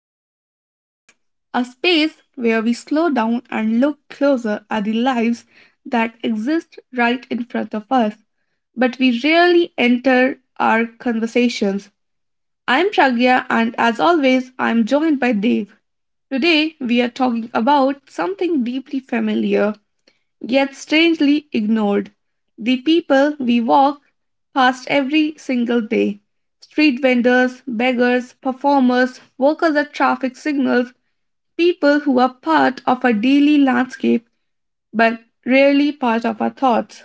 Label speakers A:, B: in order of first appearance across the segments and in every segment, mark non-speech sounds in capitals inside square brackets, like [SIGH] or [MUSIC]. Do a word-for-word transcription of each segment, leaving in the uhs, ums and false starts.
A: Behind the Streets, a space where we slow down and look closer at the lives that exist right in front of us, but we rarely enter our conversations. I'm Pragya, and as always, I'm joined by Dave. Today, we are talking about something deeply familiar yet strangely ignored. The people we walk past every single day, street vendors, beggars, performers, workers at traffic signals, people who are part of our daily landscape but rarely part of our thoughts.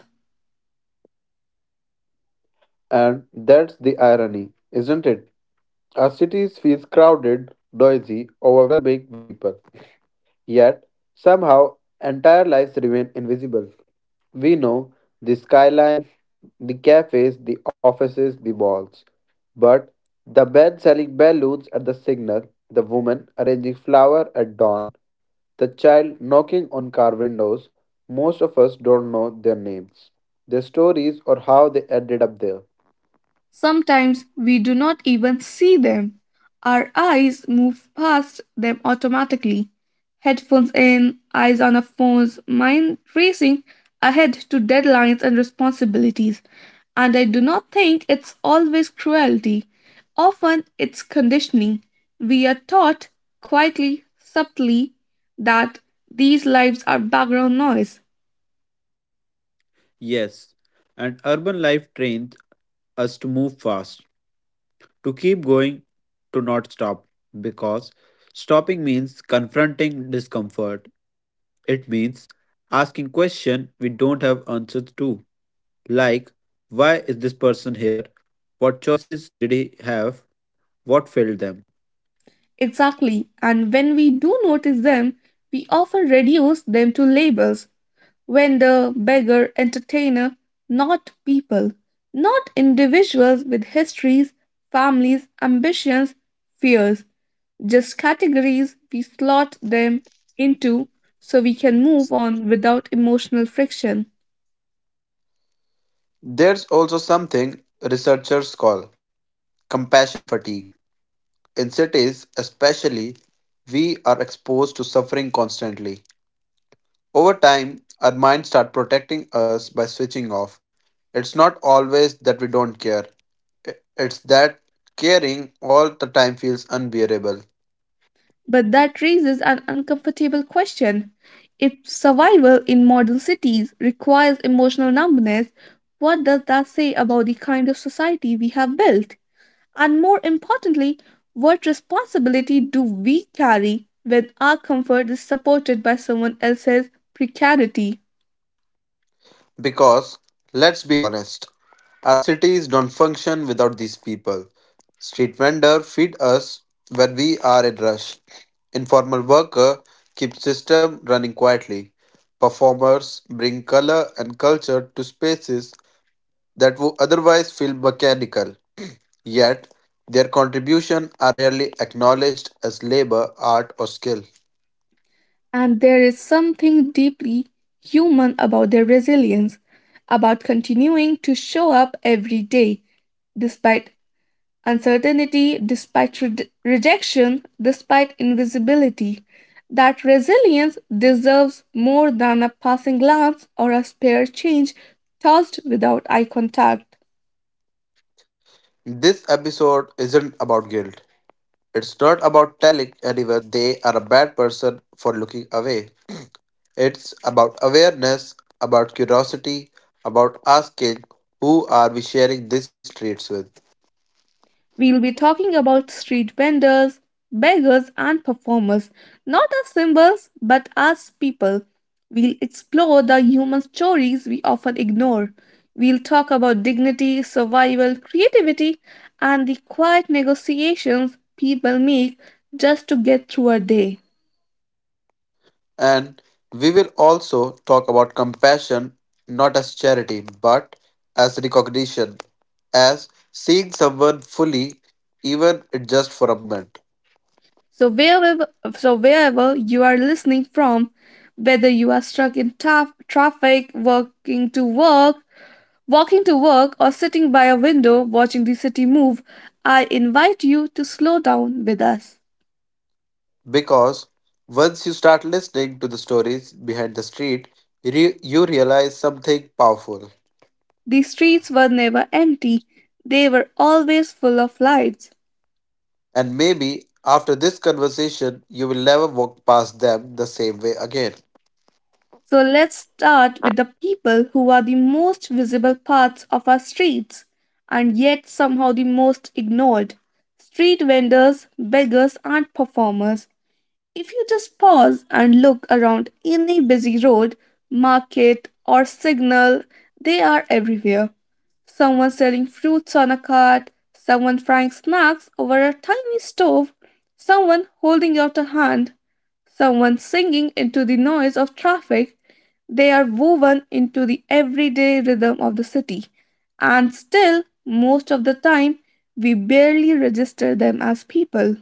B: And that's the irony, isn't it? Our cities feel crowded, noisy, overwhelming with people. Yet, somehow, entire lives remain invisible. We know the skyline, the cafes, the offices, the malls. But the man selling balloons at the signal, the woman arranging flower at dawn, the child knocking on car windows, most of us don't know their names, their stories, or how they ended up there.
A: Sometimes we do not even see them. Our eyes move past them automatically. Headphones in, eyes on our phones, mind racing ahead to deadlines and responsibilities. And I do not think it's always cruelty. Often it's conditioning. We are taught quietly, subtly, that these lives are background noise.
B: Yes, and urban life trains us to move fast, to keep going, to not stop, because stopping means confronting discomfort. It means asking questions we don't have answers to, like why is this person here? What choices did he have? What failed them?
A: Exactly. And when we do notice them, we often reduce them to labels, vendor, beggar, entertainer, not people, not individuals with histories, families, ambitions, fears, just categories we slot them into so we can move on without emotional friction.
B: There's also something researchers call compassion fatigue. In cities, especially, we are exposed to suffering constantly. Over time, our minds start protecting us by switching off. It's not always that we don't care, i- it's that caring all the time feels unbearable.
A: But that raises an uncomfortable question. If survival in modern cities requires emotional numbness, what does that say about the kind of society we have built? And more importantly, what responsibility do we carry when our comfort is supported by someone else's precarity?
B: Because, let's be honest, our cities don't function without these people. Street vendor feed us when we are in rush. Informal worker keeps system running quietly. Performers bring color and culture to spaces that would otherwise feel mechanical. Yet, their contributions are rarely acknowledged as labor, art, or skill.
A: And there is something deeply human about their resilience, about continuing to show up every day despite uncertainty, despite re- rejection, despite invisibility. That resilience deserves more than a passing glance or a spare change tossed without eye contact.
B: This episode isn't about guilt. It's not about telling anyone they are a bad person for looking away. It's about awareness, about curiosity, about asking who are we sharing these traits with.
A: We'll be talking about street vendors, beggars, and performers, not as symbols, but as people. We'll explore the human stories we often ignore. We'll talk about dignity, survival, creativity, and the quiet negotiations people make just to get through a day.
B: And we will also talk about compassion not as charity but as recognition, as seeing someone fully, even it just for a moment.
A: So wherever, so wherever you are listening from, whether you are stuck in tough traffic, walking to work, Walking to work or sitting by a window watching the city move, I invite you to slow down with us.
B: Because once you start listening to the stories behind the street, re- you realize something powerful.
A: The streets were never empty, they were always full of lives.
B: And maybe after this conversation, you will never walk past them the same way again.
A: So let's start with the people who are the most visible parts of our streets and yet somehow the most ignored. Street vendors, beggars, and performers. If you just pause and look around any busy road, market, or signal, they are everywhere. Someone selling fruits on a cart, someone frying snacks over a tiny stove, someone holding out a hand, someone singing into the noise of traffic. They are woven into the everyday rhythm of the city, and still, most of the time, we barely register them as people.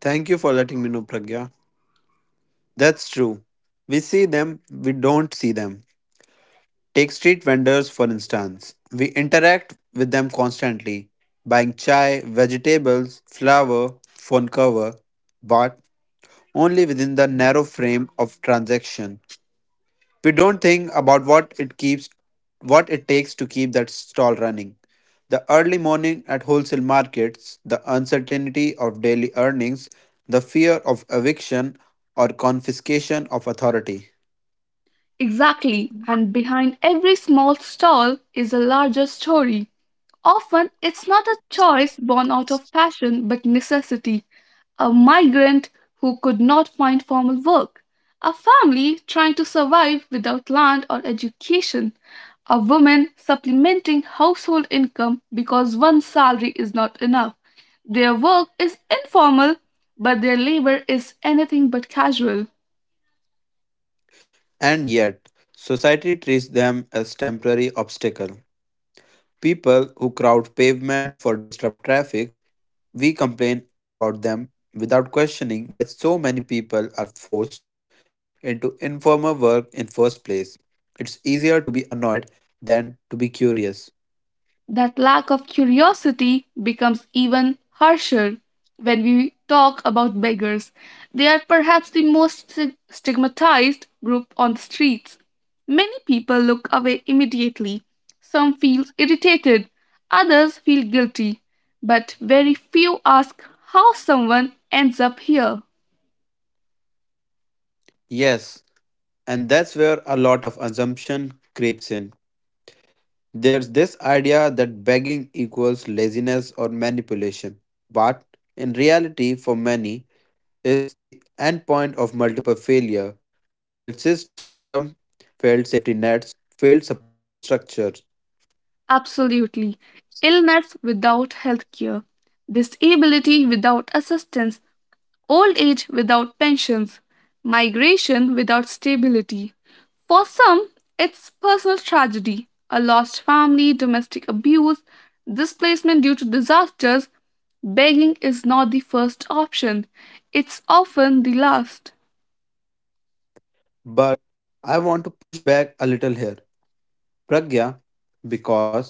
B: Thank you for letting me know, Pragya. That's true. We see them, we don't see them. Take street vendors, for instance. We interact with them constantly, buying chai, vegetables, flour, phone cover, but only within the narrow frame of transaction. We don't think about what it keeps what it takes to keep that stall running. The early morning at wholesale markets, the uncertainty of daily earnings, the fear of eviction or confiscation of authority.
A: Exactly, and behind every small stall is a larger story. Often it's not a choice born out of passion but necessity. A migrant who could not find formal work, a family trying to survive without land or education, a woman supplementing household income because one salary is not enough. Their work is informal, but their labor is anything but casual.
B: And yet, society treats them as temporary obstacle. People who crowd pavement for disrupt traffic, we complain about them without questioning why so many people are forced into informal work in first place. It's easier to be annoyed than to be curious.
A: That lack of curiosity becomes even harsher when we talk about beggars. They are perhaps the most sti- stigmatized group on the streets. Many people look away immediately. Some feel irritated, others feel guilty, but very few ask how someone ends up here.
B: Yes, and that's where a lot of assumption creeps in. There's this idea that begging equals laziness or manipulation, but in reality, for many, it's the endpoint of multiple failure, failed system, failed safety nets, failed support structures.
A: Absolutely. Illness without healthcare, disability without assistance, old age without pensions, migration without stability. For some, it's personal tragedy, a lost family, domestic abuse, displacement due to disasters. Begging is not the first option, it's often the last.
B: But I want to push back a little here, Pragya, because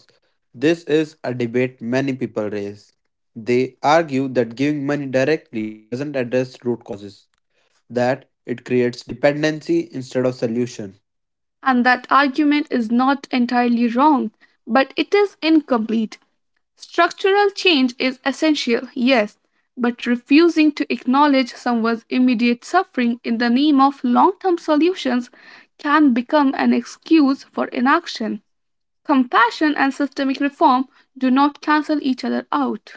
B: this is a debate many people raise. They argue that giving money directly doesn't address root causes, that it creates dependency instead of solution.
A: And that argument is not entirely wrong, but it is incomplete. Structural change is essential, yes, but refusing to acknowledge someone's immediate suffering in the name of long term solutions can become an excuse for inaction. Compassion and systemic reform do not cancel each other out.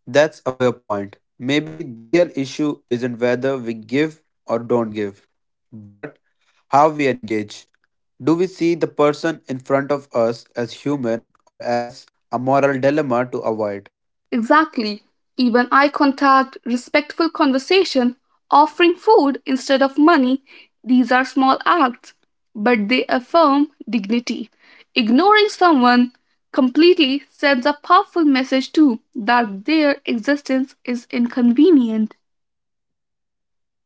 B: That's a fair point. Maybe the real issue isn't whether we give or don't give, but how we engage. Do we see the person in front of us as human or as a moral dilemma to avoid?
A: Exactly. Even eye contact, respectful conversation, offering food instead of money, these are small acts, but they affirm dignity. Ignoring someone completely sends a powerful message too, that their existence is inconvenient.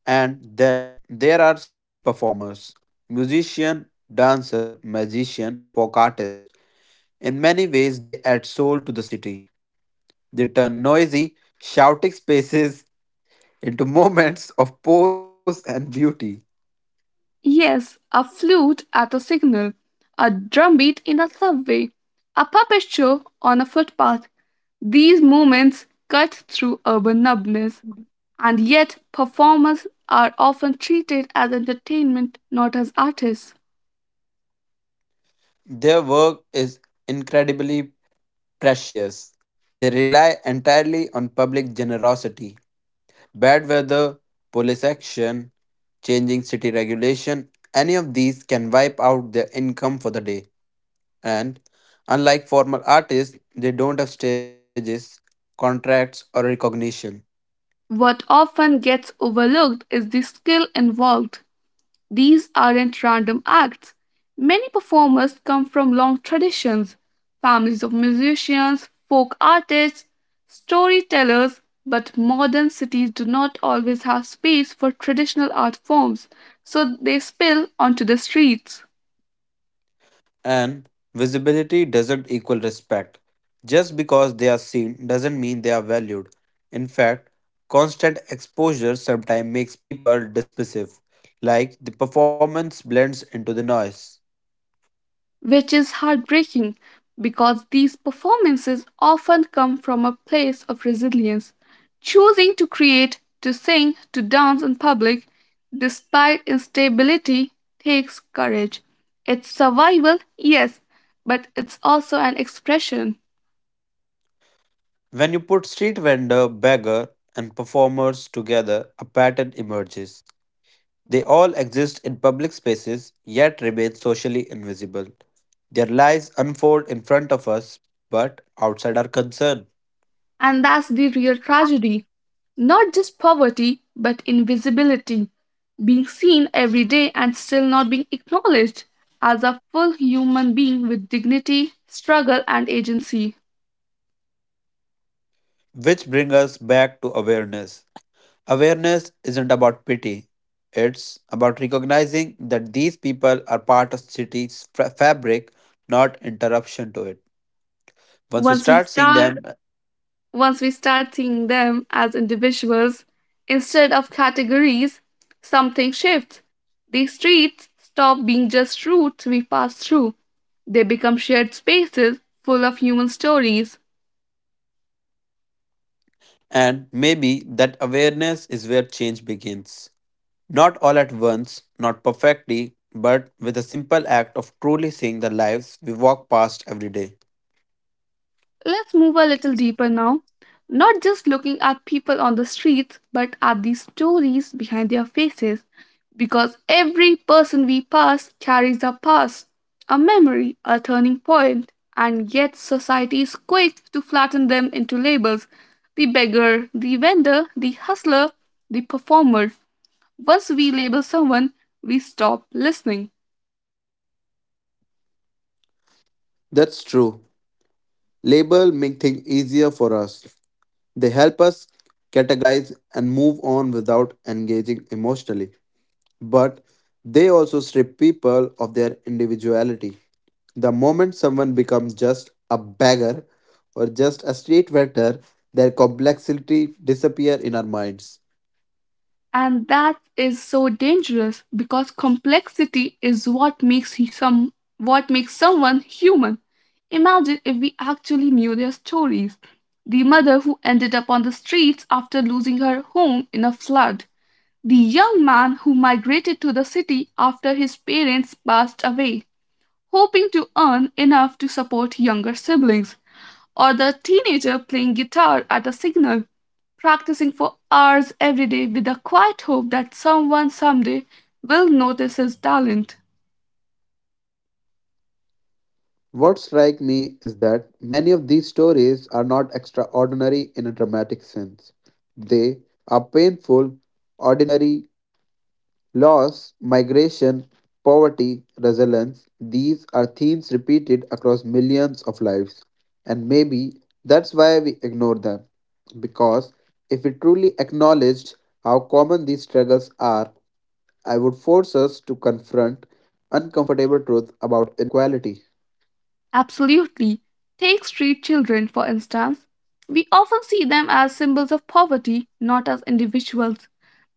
B: And then there are street performers musician, dancer, magician, folk artist. In many ways, they add soul to the city. They turn noisy, shouting [LAUGHS] spaces into moments of pose and beauty.
A: Yes, a flute at a signal, a drumbeat in a subway, a puppet show on a footpath. These moments cut through urban numbness. And yet, performers are often treated as entertainment, not as artists.
B: Their work is incredibly precious. They rely entirely on public generosity. Bad weather, police action, changing city regulation, any of these can wipe out their income for the day. And unlike formal artists, they don't have stages, contracts, or recognition.
A: What often gets overlooked is the skill involved. These aren't random acts. Many performers come from long traditions, families of musicians, folk artists, storytellers, but modern cities do not always have space for traditional art forms, so they spill onto the streets.
B: And visibility doesn't equal respect. Just because they are seen doesn't mean they are valued. In fact, constant exposure sometimes makes people dismissive, like the performance blends into the noise.
A: Which is heartbreaking because these performances often come from a place of resilience. Choosing to create, to sing, to dance in public despite instability takes courage. It's survival, yes, but it's also an expression.
B: When you put street vendor, beggar, and performers together, a pattern emerges. They all exist in public spaces yet remain socially invisible. Their lives unfold in front of us but outside our concern.
A: And that's the real tragedy. Not just poverty, but invisibility. Being seen every day and still not being acknowledged as a full human being with dignity, struggle, and agency.
B: Which brings us back to awareness. Awareness isn't about pity, it's about recognizing that these people are part of city's fa- fabric, not interruption to it. Once we
A: Once we
B: start seeing
A: start
B: them,
A: once we start seeing them as individuals instead of categories, something shifts. These streets stop being just routes we pass through. They become shared spaces full of human stories.
B: and maybe that awareness is where change begins. Not all at once, not perfectly, but with a simple act of truly seeing the lives we walk past every day.
A: Let's move a little deeper now, not just looking at people on the streets, but at the stories behind their faces, because every person we pass carries a past, a memory, a turning point, and yet society is quick to flatten them into labels, the beggar, the vendor, the hustler, the performer. Once we label someone, we stop listening.
B: That's true. Label make things easier for us. They help us categorize and move on without engaging emotionally, but they also strip people of their individuality. The moment someone becomes just a beggar or just a street vendor, their complexity disappear in our minds.
A: And that is so dangerous because complexity is what makes he some what makes someone human. Imagine if we actually knew their stories. The mother who ended up on the streets after losing her home in a flood. The young man who migrated to the city after his parents passed away, hoping to earn enough to support younger siblings, or the teenager playing guitar at a signal, practicing for hours every day with the quiet hope that someone someday will notice his talent.
B: What strikes me is that many of these stories are not extraordinary in a dramatic sense. They are painful, ordinary, loss, migration, poverty, resilience, these are themes repeated across millions of lives. And maybe that's why we ignore them. Because if we truly acknowledged how common these struggles are, I would force us to confront uncomfortable truth about inequality.
A: Absolutely. Take street children, for instance. We often see them as symbols of poverty, not as individuals.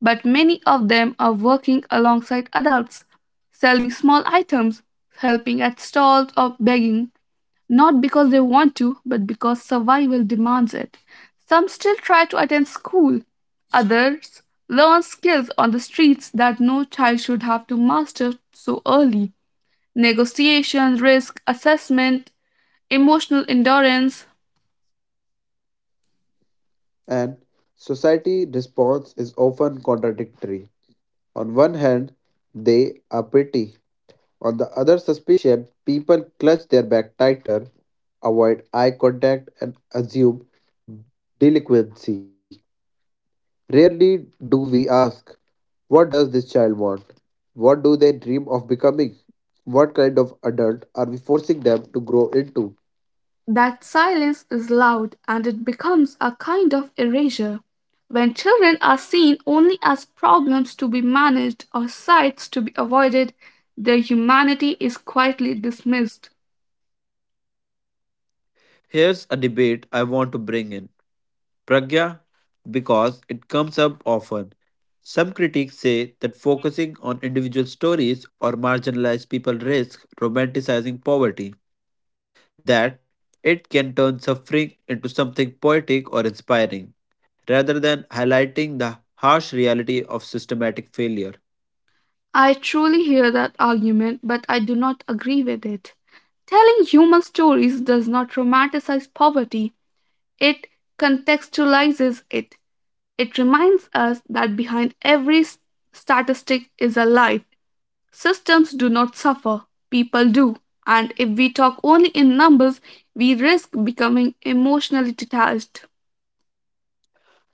A: But many of them are working alongside adults, selling small items, helping at stalls, or begging, not because they want to, but because survival demands it. Some still try to attend school, others learn skills on the streets that no child should have to master so early, negotiation, risk assessment, emotional endurance.
B: And society response is often contradictory. On one hand, they are petty. On the other suspicion, people clutch their bag tighter, avoid eye contact, and assume delinquency. Rarely do we ask, what does this child want? What do they dream of becoming? What kind of adult are we forcing them to grow into?
A: That silence is loud and it becomes a kind of erasure. When children are seen only as problems to be managed or sights to be avoided, their humanity is quietly dismissed.
B: Here's a debate I want to bring in, Pragya, because it comes up often. Some critics say that focusing on individual stories or marginalized people risks romanticizing poverty, that it can turn suffering into something poetic or inspiring, rather than highlighting the harsh reality of systematic failure.
A: I truly hear that argument, but I do not agree with it. Telling human stories does not romanticize poverty, it contextualizes it. It reminds us that behind every s- statistic is a life. Systems do not suffer, people do. And if we talk only in numbers, we risk becoming emotionally detached.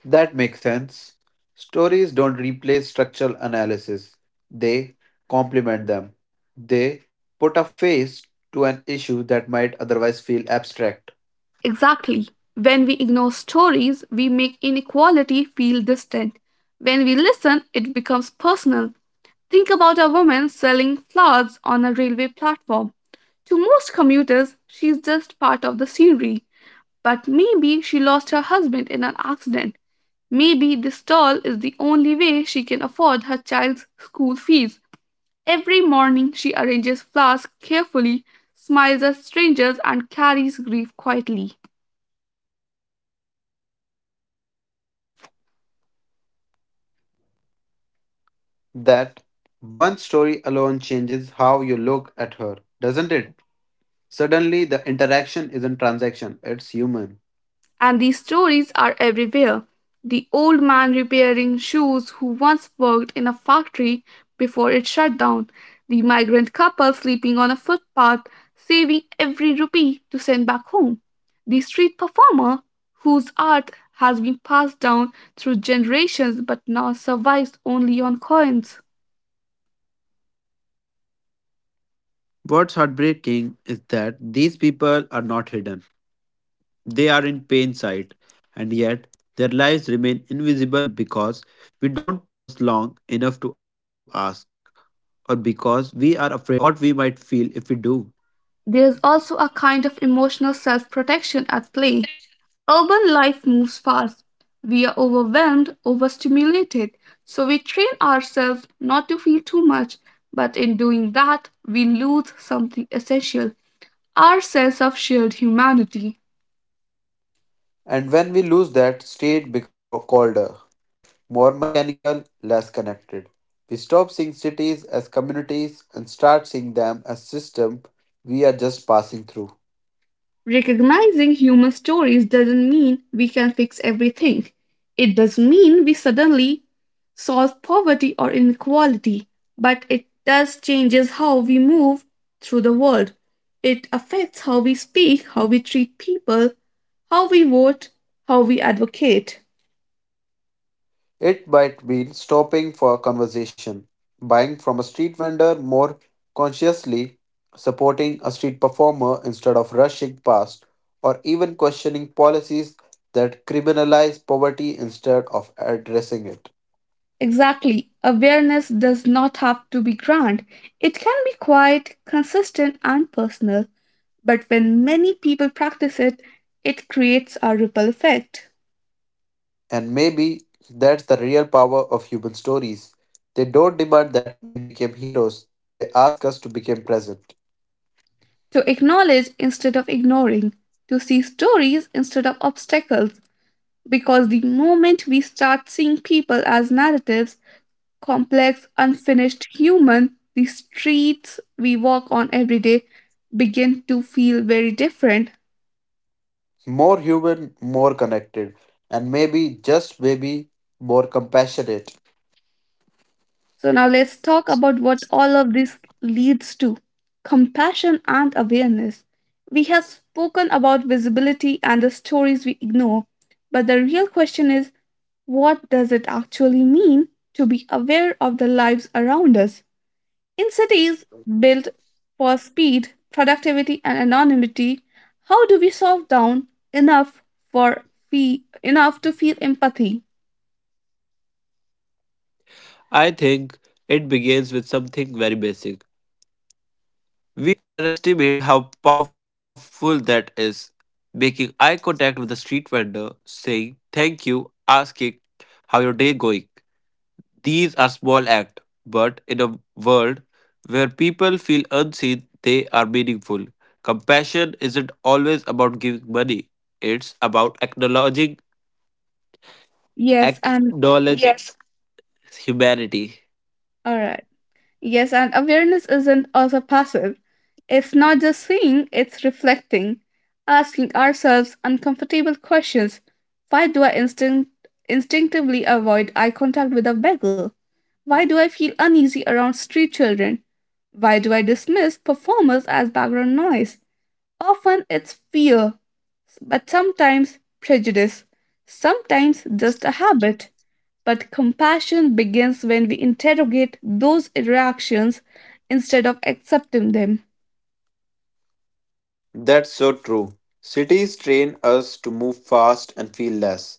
B: That makes sense. Stories don't replace structural analysis, they complement them. They put a face to an issue that might otherwise feel abstract.
A: Exactly. When we ignore stories, we make inequality feel distant. When we listen, it becomes personal. Think about a woman selling flowers on a railway platform. To most commuters, she's just part of the scenery. But maybe she lost her husband in an accident. Maybe this stall is the only way she can afford her child's school fees. Every morning, she arranges flowers carefully, smiles at strangers, and carries grief quietly.
B: That one story alone changes how you look at her, doesn't it? Suddenly, the interaction isn't transaction, it's human.
A: And these stories are everywhere. The old man repairing shoes who once worked in a factory before it shut down, the migrant couple sleeping on a footpath, saving every rupee to send back home, the street performer whose art has been passed down through generations but now survives only on coins.
B: What's heartbreaking is that these people are not hidden. They are in plain sight, and yet their lives remain invisible because we don't pause long enough to ask, or because we are afraid of what we might feel if we do.
A: There is also a kind of emotional self protection at play. Urban life moves fast. We are overwhelmed, overstimulated, so we train ourselves not to feel too much, but in doing that, we lose something essential, our sense of shared humanity.
B: And when we lose that, state become o- colder, more mechanical, less connected. We stop seeing cities as communities and start seeing them as system we are just passing through.
A: Recognizing human stories doesn't mean we can fix everything. It doesn't mean we suddenly solve poverty or inequality, but it does changes how we move through the world. It affects how we speak, how we treat people, how we vote, how we advocate.
B: It might mean stopping for a conversation, buying from a street vendor more consciously, supporting a street performer instead of rushing past, or even questioning policies that criminalize poverty instead of addressing it.
A: Exactly. Awareness does not have to be grand. It can be quiet, consistent, and personal. But when many people practice it, it creates a ripple effect.
B: And maybe that's the real power of human stories. They don't demand that we become heroes, they ask us to become present.
A: To acknowledge instead of ignoring, to see stories instead of obstacles, because the moment we start seeing people as narratives, complex, unfinished human, the streets we walk on every day begin to feel very different.
B: More human, more connected, and maybe, just maybe, more compassionate.
A: So, now let's talk about what all of this leads to, compassion and awareness. We have spoken about visibility and the stories we ignore, but the real question is, what does it actually mean to be aware of the lives around us? In cities built for speed, productivity, and anonymity, how do we soft down enough for fee- enough to feel empathy?
B: I think it begins with something very basic. We underestimate how powerful that is. Making eye contact with a street vendor, saying thank you, asking how your day going. These are small acts, but in a world where people feel unseen, they are meaningful. Compassion isn't always about giving money. It's about acknowledging
A: Yes, and
B: acknowledging humanity.
A: all right. Yes, and awareness isn't also passive. It's not just seeing, it's reflecting, asking ourselves uncomfortable questions. Why do I instinct- instinctively avoid eye contact with a beggar? Why do I feel uneasy around street children? Why do I dismiss performers as background noise? Often it's fear, but sometimes prejudice, sometimes just a habit. But compassion begins when we interrogate those reactions instead of accepting them.
B: That's so true. Cities train us to move fast and feel less.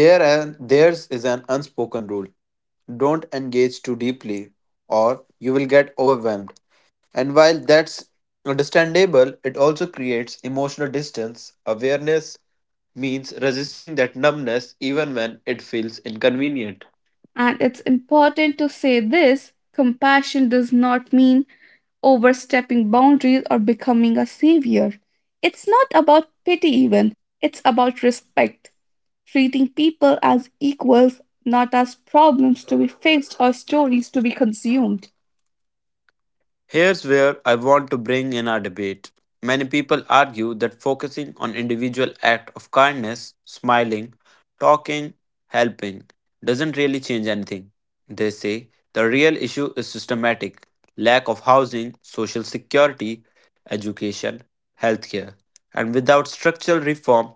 B: There and theirs is an unspoken rule. Don't engage too deeply or you will get overwhelmed. And while that's understandable, it also creates emotional distance. Awareness means resisting that numbness even when it feels inconvenient.
A: And it's important to say this compassion does not mean overstepping boundaries or becoming a savior. It's not about pity, even, it's about respect, treating people as equals, not as problems to be fixed or stories to be consumed.
B: Here's where I want to bring in our debate. Many people argue that focusing on individual act of kindness, smiling, talking, helping doesn't really change anything. They say the real issue is systematic lack of housing, social security, education, healthcare. And without structural reform,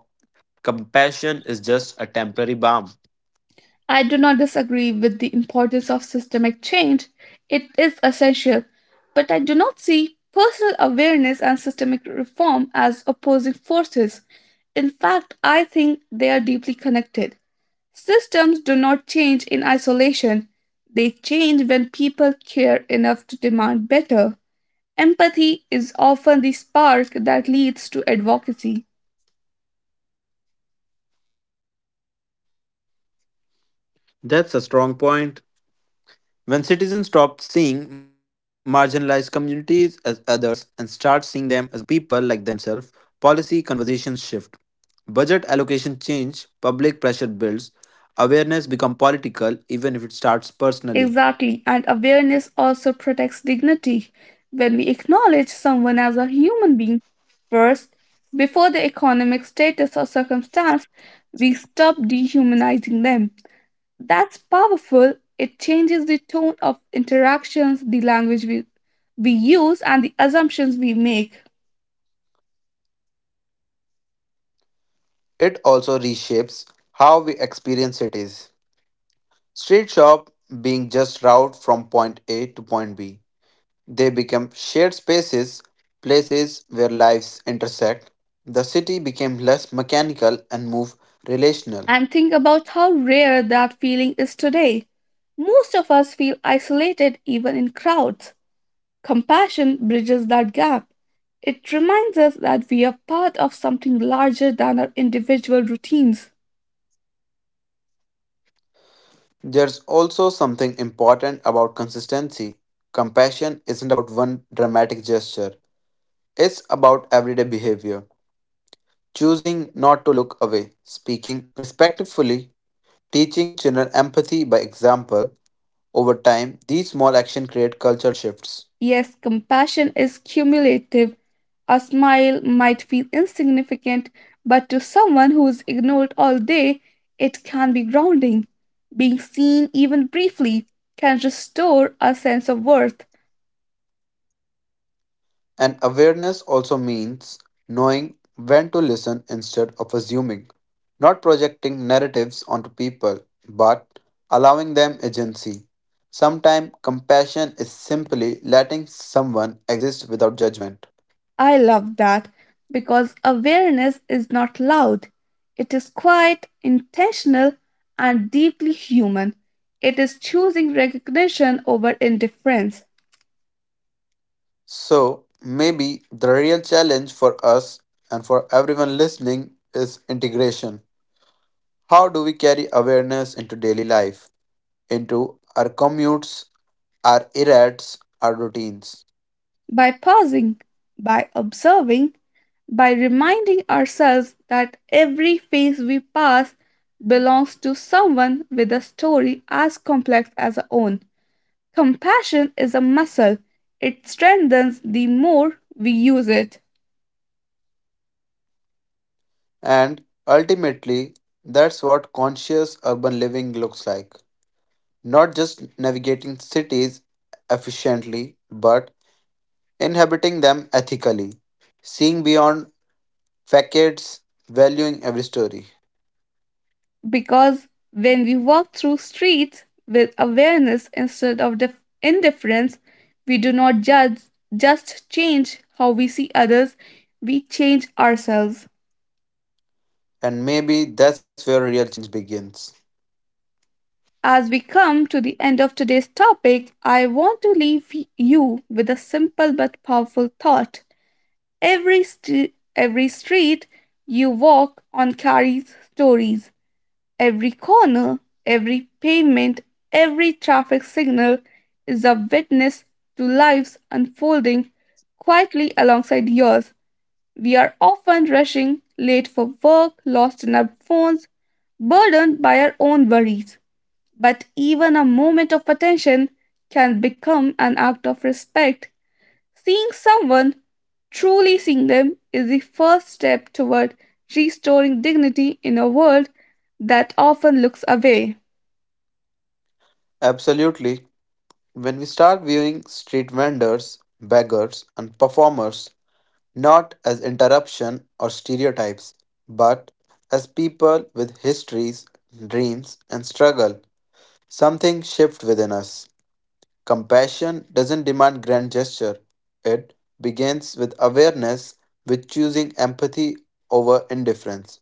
B: compassion is just a temporary balm.
A: I do not disagree with the importance of systemic change. It is essential. But I do not see personal awareness and systemic reform as opposing forces. In fact, I think they are deeply connected. Systems do not change in isolation, they change when people care enough to demand better. Empathy is often the spark that leads to advocacy.
B: That's a strong point. When citizens stop seeing marginalized communities as others and start seeing them as a people like themselves, policy conversations shift. Budget allocation change, public pressure builds, awareness become political even if it starts personally.
A: Exactly, and awareness also protects dignity. When we acknowledge someone as a human being first, before their economic status or circumstance, we stop dehumanizing them. That's powerful. It changes the tone of interactions, the language we, we use, and the assumptions we make.
B: It also reshapes how we experience cities. Street shop being just route from point A to point B, they become shared spaces, places where lives intersect. The city became less mechanical and more relational.
A: And think about how rare that feeling is today. Most of us feel isolated even in crowds. Compassion bridges that gap. It reminds us that we are part of something larger than our individual routines.
B: There's also something important about consistency. Compassion isn't about one dramatic gesture, it's about everyday behavior. Choosing not to look away, speaking respectfully, teaching children empathy by example. Over time, these small actions create cultural shifts.
A: Yes, compassion is cumulative. A smile might feel insignificant, but to someone who is ignored all day, it can be grounding. Being seen, even briefly, can restore a sense of worth.
B: And awareness also means knowing when to listen instead of assuming, not projecting narratives onto people, but allowing them agency. Sometimes compassion is simply letting someone exist without judgment.
A: I love that because awareness is not loud. It is quiet, intentional, and deeply human. It is choosing recognition over indifference.
B: So, maybe the real challenge for us and for everyone listening is integration. How do we carry awareness into daily life, into our commutes, our errands, our routines?
A: By pausing, by observing, by reminding ourselves that every phase we pass belongs to someone with a story as complex as our own. Compassion is a muscle, it strengthens the more we use it.
B: And ultimately, that's what conscious urban living looks like. Not just navigating cities efficiently, but inhabiting them ethically, seeing beyond facades, valuing every story.
A: Because when we walk through streets with awareness instead of dif- indifference, we do not judge, just change how we see others, we change ourselves.
B: And maybe that's where real change begins.
A: As we come to the end of today's topic, I want to leave you with a simple but powerful thought. Every, st- every street you walk on carries stories. Every corner, every pavement, every traffic signal is a witness to lives unfolding quietly alongside yours. We are often rushing, late for work, lost in our phones, burdened by our own worries. But even a moment of attention can become an act of respect. Seeing someone, truly seeing them, is the first step toward restoring dignity in a world that often looks away.
B: Absolutely. When we start viewing street vendors, beggars, and performers not as interruption or stereotypes, but as people with histories, dreams, and struggle. Something shifts within us. Compassion doesn't demand grand gesture. It begins with awareness, with choosing empathy over indifference.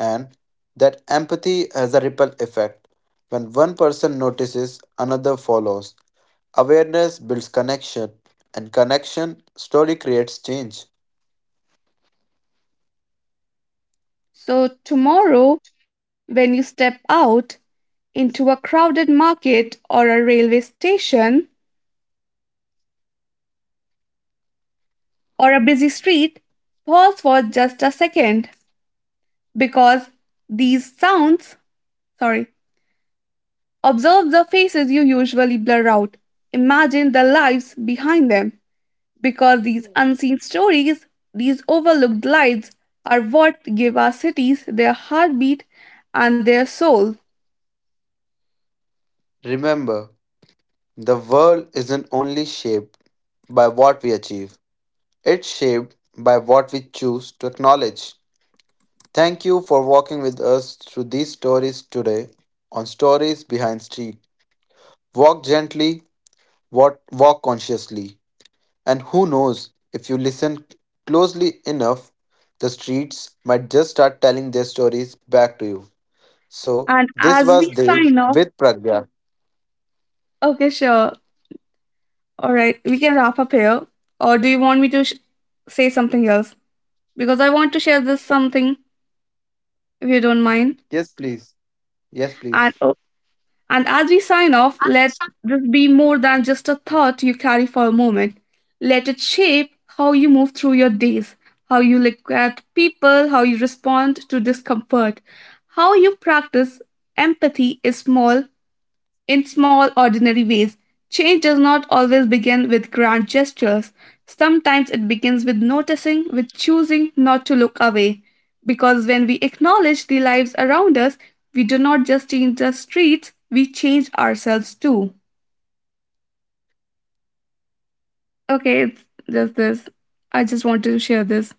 B: And that empathy has a ripple effect. When one person notices, another follows. Awareness builds connection, and connection slowly creates change.
A: So, tomorrow, when you step out into a crowded market or a railway station or a busy street, pause for just a second because these sounds, sorry, observe the faces you usually blur out. Imagine the lives behind them. Because these unseen stories, these overlooked lives, are what give our cities their heartbeat and their soul.
B: Remember, the world isn't only shaped by what we achieve, it's shaped by what we choose to acknowledge. Thank you for walking with us through these stories today on Stories Behind Street. Walk gently, walk, walk consciously, and who knows, if you listen closely enough, the streets might just start telling their stories back to you. So,
A: And
B: this
A: as we
B: was Dev
A: sign off,
B: with Pragya.
A: okay, sure. All right, we can wrap up here. Or do you want me to sh- say something else? Because I want to share this something, if you don't mind.
B: Yes, please. Yes, please.
A: And oh, And as we sign off, let this be more than just a thought you carry for a moment. Let it shape how you move through your days, how you look at people, how you respond to discomfort, how you practice empathy is small in small, ordinary ways, change does not always begin with grand gestures. Sometimes it begins with noticing, with choosing not to look away. Because when we acknowledge the lives around us, we do not just change the streets, we change ourselves too. Okay, it's just this. I just wanted to share this.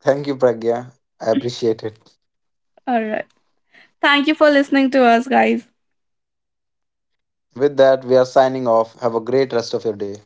B: Thank you, Pragya. I appreciate it.
A: All right. Thank you for listening to us, guys.
B: With that, we are signing off. Have a great rest of your day.